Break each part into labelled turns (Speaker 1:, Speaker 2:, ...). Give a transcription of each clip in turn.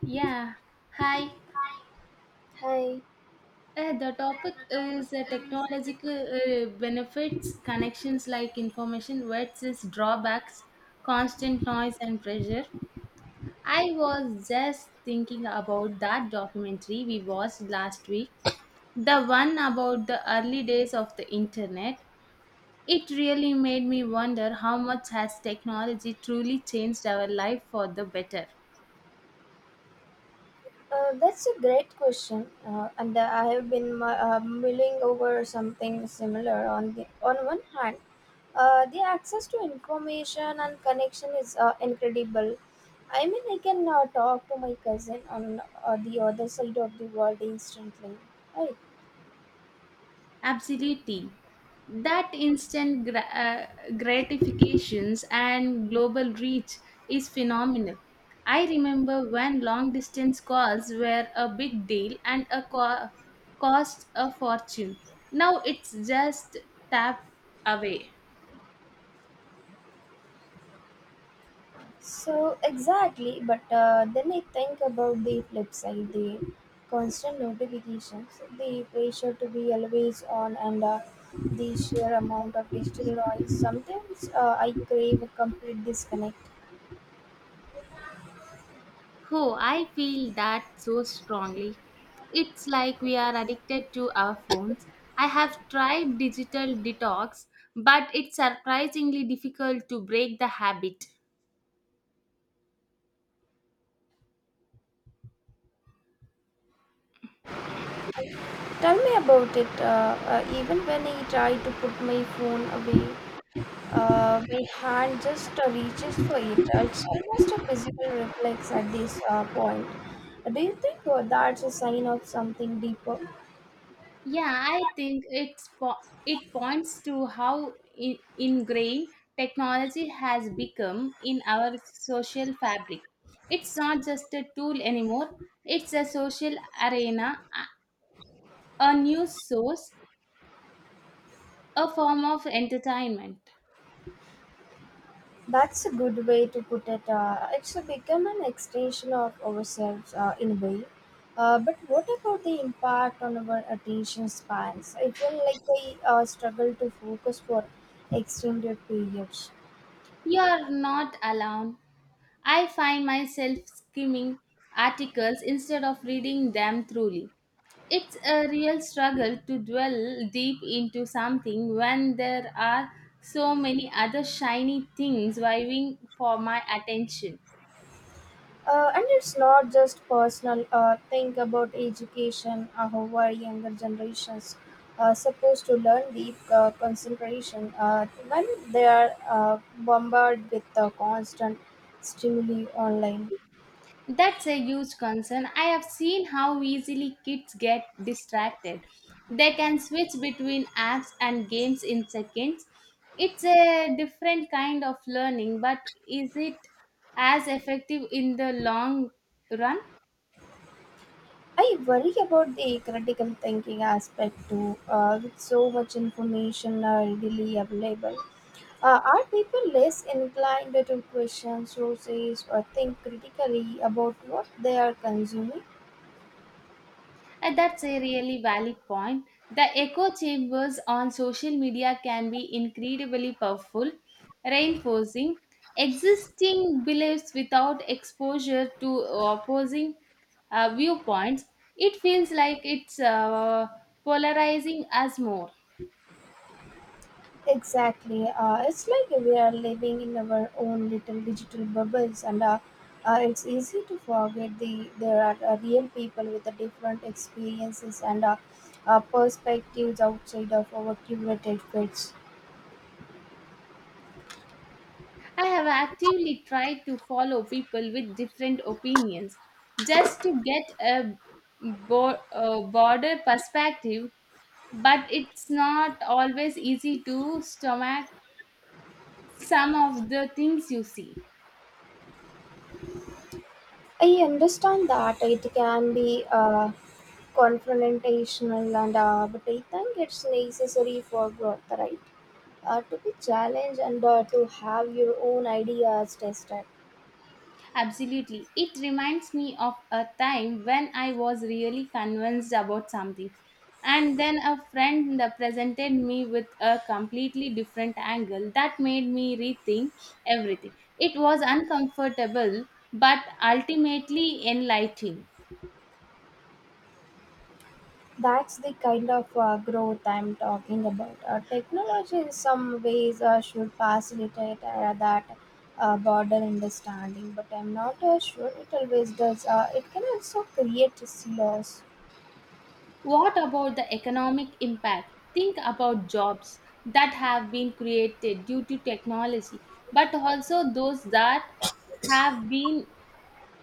Speaker 1: Yeah, hi.
Speaker 2: Hi,
Speaker 1: The topic is technological benefits, connections like information versus drawbacks, constant noise and pressure. I was just thinking about that documentary we watched last week, the one about the early days of the internet. It really made me wonder how much has technology truly changed our life for the better.
Speaker 2: that's a great question, and I have been mulling over something similar. On the on one hand, the access to information and connection is incredible. I mean, I can talk to my cousin on the other side of the world instantly, right?
Speaker 1: Absolutely. That gratifications and global reach is phenomenal. I remember when long distance calls were a big deal and cost a fortune. Now it's just tap away.
Speaker 2: So exactly, but then I think about the flip side, the constant notifications, the pressure to be always on, and the sheer amount of digital noise. Sometimes I crave a complete disconnect.
Speaker 1: Oh, I feel that so strongly. It's like we are addicted to our phones. I have tried digital detox, but it's surprisingly difficult to break the habit.
Speaker 2: Tell me about it. Even when I try to put my phone away, my hand just reaches for it. It's almost a physical reflex at this point. Do you think that's a sign of something deeper?
Speaker 1: Yeah, I think it points to how ingrained technology has become in our social fabric. It's not just a tool anymore, it's a social arena, a news source, a form of entertainment.
Speaker 2: That's a good way to put it. It's become an extension of ourselves in a way. But what about the impact on our attention spans? I feel like we struggle to focus for extended periods.
Speaker 1: You are not alone. I find myself skimming articles instead of reading them truly. It's a real struggle to dwell deep into something when there are so many other shiny things vying for my attention.
Speaker 2: And it's not just personal. Think about education. How are younger generations supposed to learn deep concentration when they are bombarded with constant stimuli online?
Speaker 1: That's a huge concern. I have seen how easily kids get distracted. They can switch between apps and games in seconds. It's a different kind of learning, but is it as effective in the long run?
Speaker 2: I worry about the critical thinking aspect too, with so much information readily available. Are people less inclined to question sources or think critically about what they are consuming?
Speaker 1: And that's a really valid point. The echo chambers on social media can be incredibly powerful, reinforcing existing beliefs without exposure to opposing viewpoints. It feels like it's polarizing us more.
Speaker 2: Exactly. It's like we are living in our own little digital bubbles, and it's easy to forget there are real people with different experiences and perspectives outside of our curated fits.
Speaker 1: I have actively tried to follow people with different opinions just to get a broader perspective, but it's not always easy to stomach some of the things you see.
Speaker 2: I understand that it can be confrontational and but I think it's necessary for growth, right? To be challenged and to have your own ideas tested.
Speaker 1: Absolutely. It reminds me of a time when I was really convinced about something. And then a friend presented me with a completely different angle that made me rethink everything. It was uncomfortable but ultimately enlightening.
Speaker 2: That's the kind of growth I'm talking about. Technology, in some ways, should facilitate that broader understanding, but I'm not sure it always does. It can also create silos.
Speaker 1: What about the economic impact? Think about jobs that have been created due to technology, but also those that have been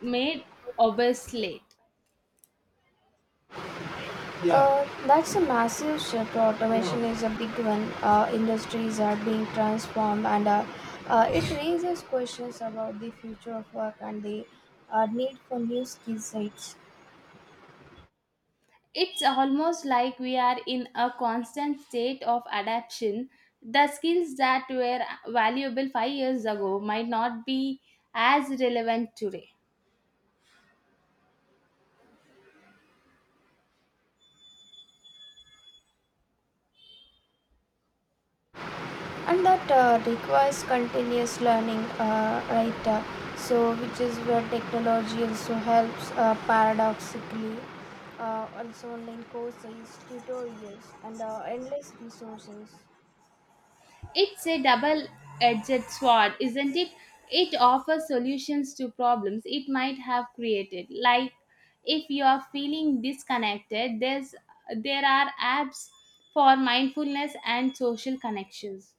Speaker 1: made obsolete.
Speaker 2: Yeah. That's a massive shift. Automation is a big one. Industries are being transformed, and it raises questions about the future of work and the need for new skill sets.
Speaker 1: It's almost like we are in a constant state of adaptation. The skills that were valuable 5 years ago might not be as relevant today.
Speaker 2: And that requires continuous learning, right? So, which is where technology also helps paradoxically. Also, online courses, tutorials, and endless resources.
Speaker 1: It's a double edged sword, isn't it? It offers solutions to problems it might have created. Like if you are feeling disconnected, there are apps for mindfulness and social connections.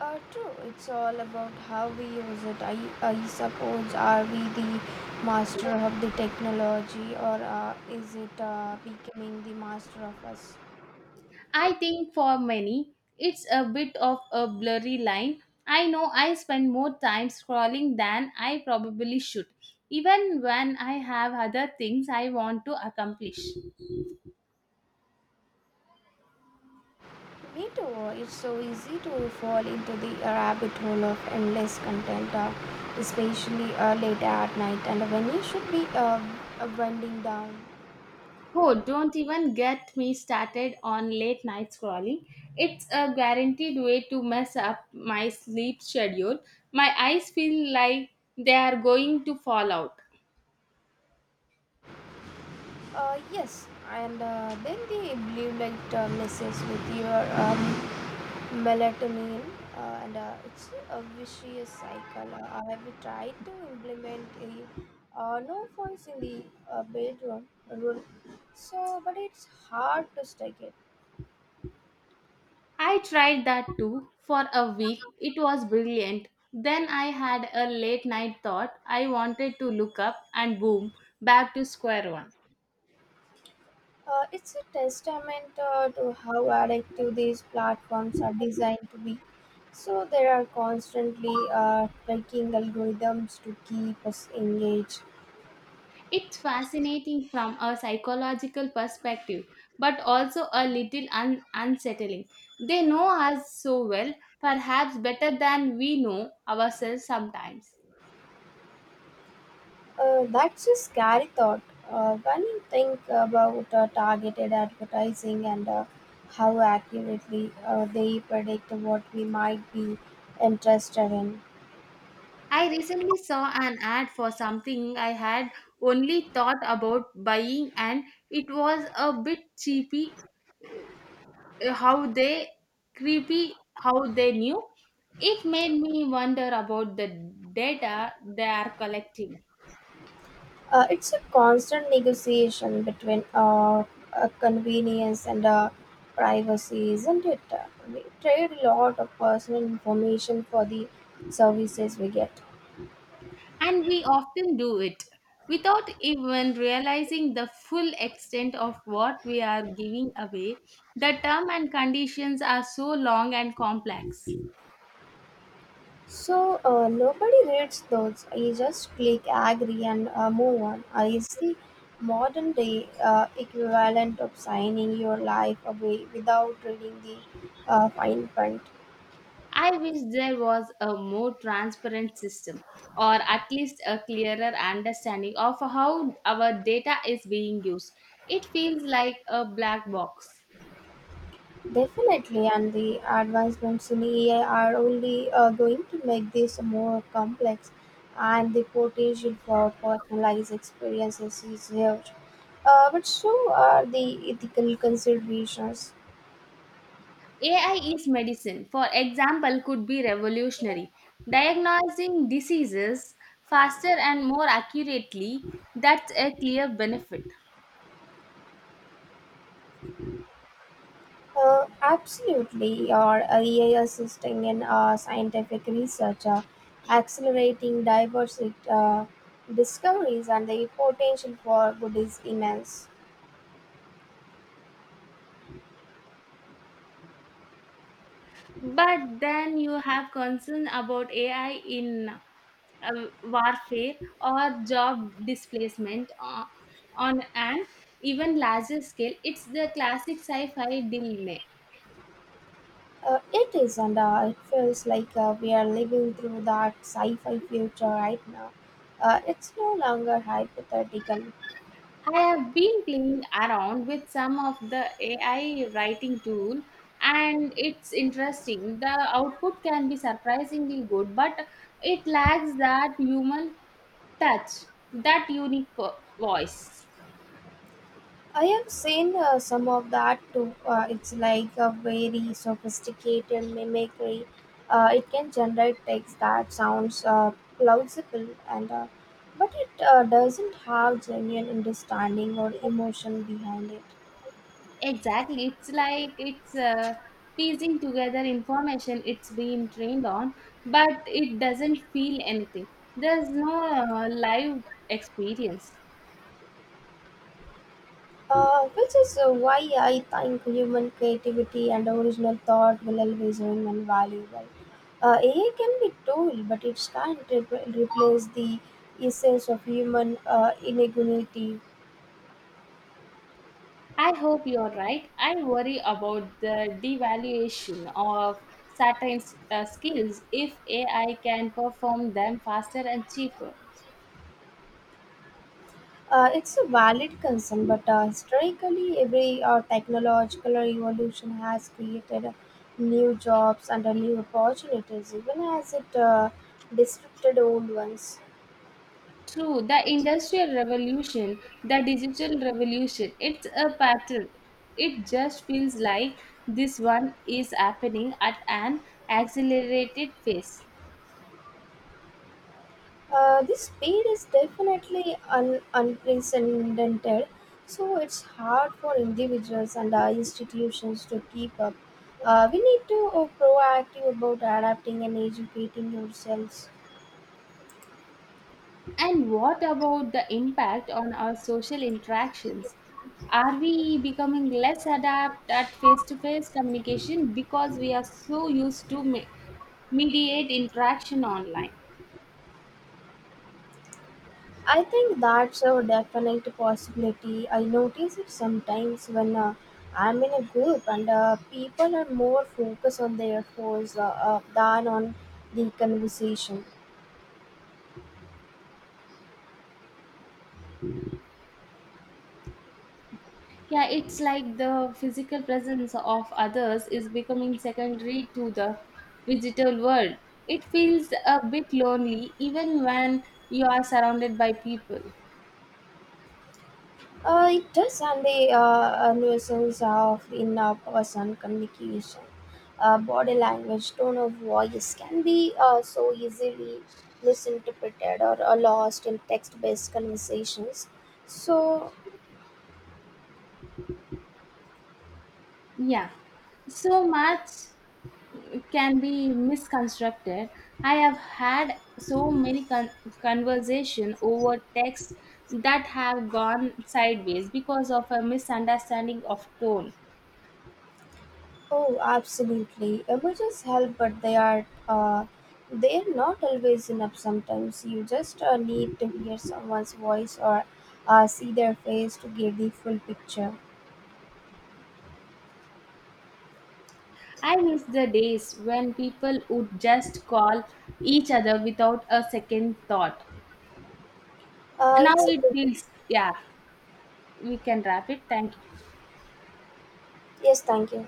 Speaker 2: True, it's all about how we use it. I suppose, are we the master of the technology, or is it becoming the master of us?
Speaker 1: I think for many, it's a bit of a blurry line. I know I spend more time scrolling than I probably should, even when I have other things I want to accomplish.
Speaker 2: Me too, it's so easy to fall into the rabbit hole of endless content, especially late at night and when you should be winding down.
Speaker 1: Oh, don't even get me started on late night scrolling. It's a guaranteed way to mess up my sleep schedule. My eyes feel like they are going to fall out.
Speaker 2: Yes, and then the blue light messes with your melatonin, and it's a vicious cycle. I have tried to implement a no voice in the bedroom rule, but it's hard to stick it.
Speaker 1: I tried that too for a week. It was brilliant. Then I had a late night thought I wanted to look up, and boom, back to square one.
Speaker 2: It's a testament to how addictive these platforms are designed to be, so there are constantly tracking algorithms to keep us engaged.
Speaker 1: It's fascinating from a psychological perspective, but also a little unsettling. They know us so well, perhaps better than we know ourselves sometimes.
Speaker 2: That's a scary thought. When you think about targeted advertising and how accurately they predict what we might be interested in,
Speaker 1: I recently saw an ad for something I had only thought about buying, and it was a bit cheapy how they creepy how they knew. It made me wonder about the data they are collecting.
Speaker 2: it's a constant negotiation between convenience and privacy, isn't it? We trade a lot of personal information for the services we get.
Speaker 1: And we often do it without even realizing the full extent of what we are giving away. The term and conditions are so long and complex.
Speaker 2: Nobody reads those. You just click agree and move on. It's the modern day equivalent of signing your life away without reading the fine print.
Speaker 1: I wish there was a more transparent system or at least a clearer understanding of how our data is being used. It feels like a black box.
Speaker 2: Definitely, and the advancements in AI are only going to make this more complex, and the potential for personalized experiences is huge. But so are the ethical considerations.
Speaker 1: AI is medicine, for example, could be revolutionary. Diagnosing diseases faster and more accurately, that's a clear benefit.
Speaker 2: Absolutely, or AI assisting in scientific research, accelerating diverse uh, discoveries, and the potential for good is immense.
Speaker 1: But then you have concern about AI in warfare or job displacement on an even larger scale. It's the classic sci fi dilemma.
Speaker 2: It is, and it feels like we are living through that sci fi future right now. It's no longer hypothetical.
Speaker 1: I have been playing around with some of the AI writing tool and it's interesting. The output can be surprisingly good, but it lacks that human touch, that voice.
Speaker 2: I have seen some of that too. It's like a very sophisticated mimicry. It can generate text that sounds plausible, and but it doesn't have genuine understanding or emotion behind it.
Speaker 1: Exactly. It's like it's piecing together information it's been trained on, but it doesn't feel anything. There's no live experience.
Speaker 2: Which is why I think human creativity and original thought will always remain invaluable. AI can be tool, but it can't replace the essence of human ingenuity.
Speaker 1: I hope you're right. I worry about the devaluation of certain skills if AI can perform them faster and cheaper.
Speaker 2: It's a valid concern, but historically, every technological evolution has created new jobs and new opportunities, even as it disrupted old ones.
Speaker 1: True, the industrial revolution, the digital revolution, it's a pattern. It just feels like this one is happening at an accelerated pace.
Speaker 2: This speed is definitely unprecedented, so it's hard for individuals and institutions to keep up. We need to proactive about adapting and educating yourselves.
Speaker 1: And what about the impact on our social interactions? Are we becoming less adept at face to face communication because we are so used to mediate interaction online?
Speaker 2: I think that's a definite possibility. I notice it sometimes when I'm in a group and people are more focused on their phones than on the conversation.
Speaker 1: Yeah, it's like the physical presence of others is becoming secondary to the digital world. It feels a bit lonely even when you are surrounded by people.
Speaker 2: It does, and the a nuisance of in person communication. Body language, tone of voice can be so easily misinterpreted or lost in text based conversations. So
Speaker 1: Yeah, so much can be misconstructed. I have had so many conversation over text that have gone sideways because of a misunderstanding of tone.
Speaker 2: oh, absolutely. Images help, but they are they're not always enough. Sometimes you just need to hear someone's voice or see their face to get the full picture.
Speaker 1: I miss the days when people would just call each other without a second thought. Now
Speaker 2: It's a
Speaker 1: it
Speaker 2: good
Speaker 1: feels yeah. We can wrap it. Thank you.
Speaker 2: yes. Thank you.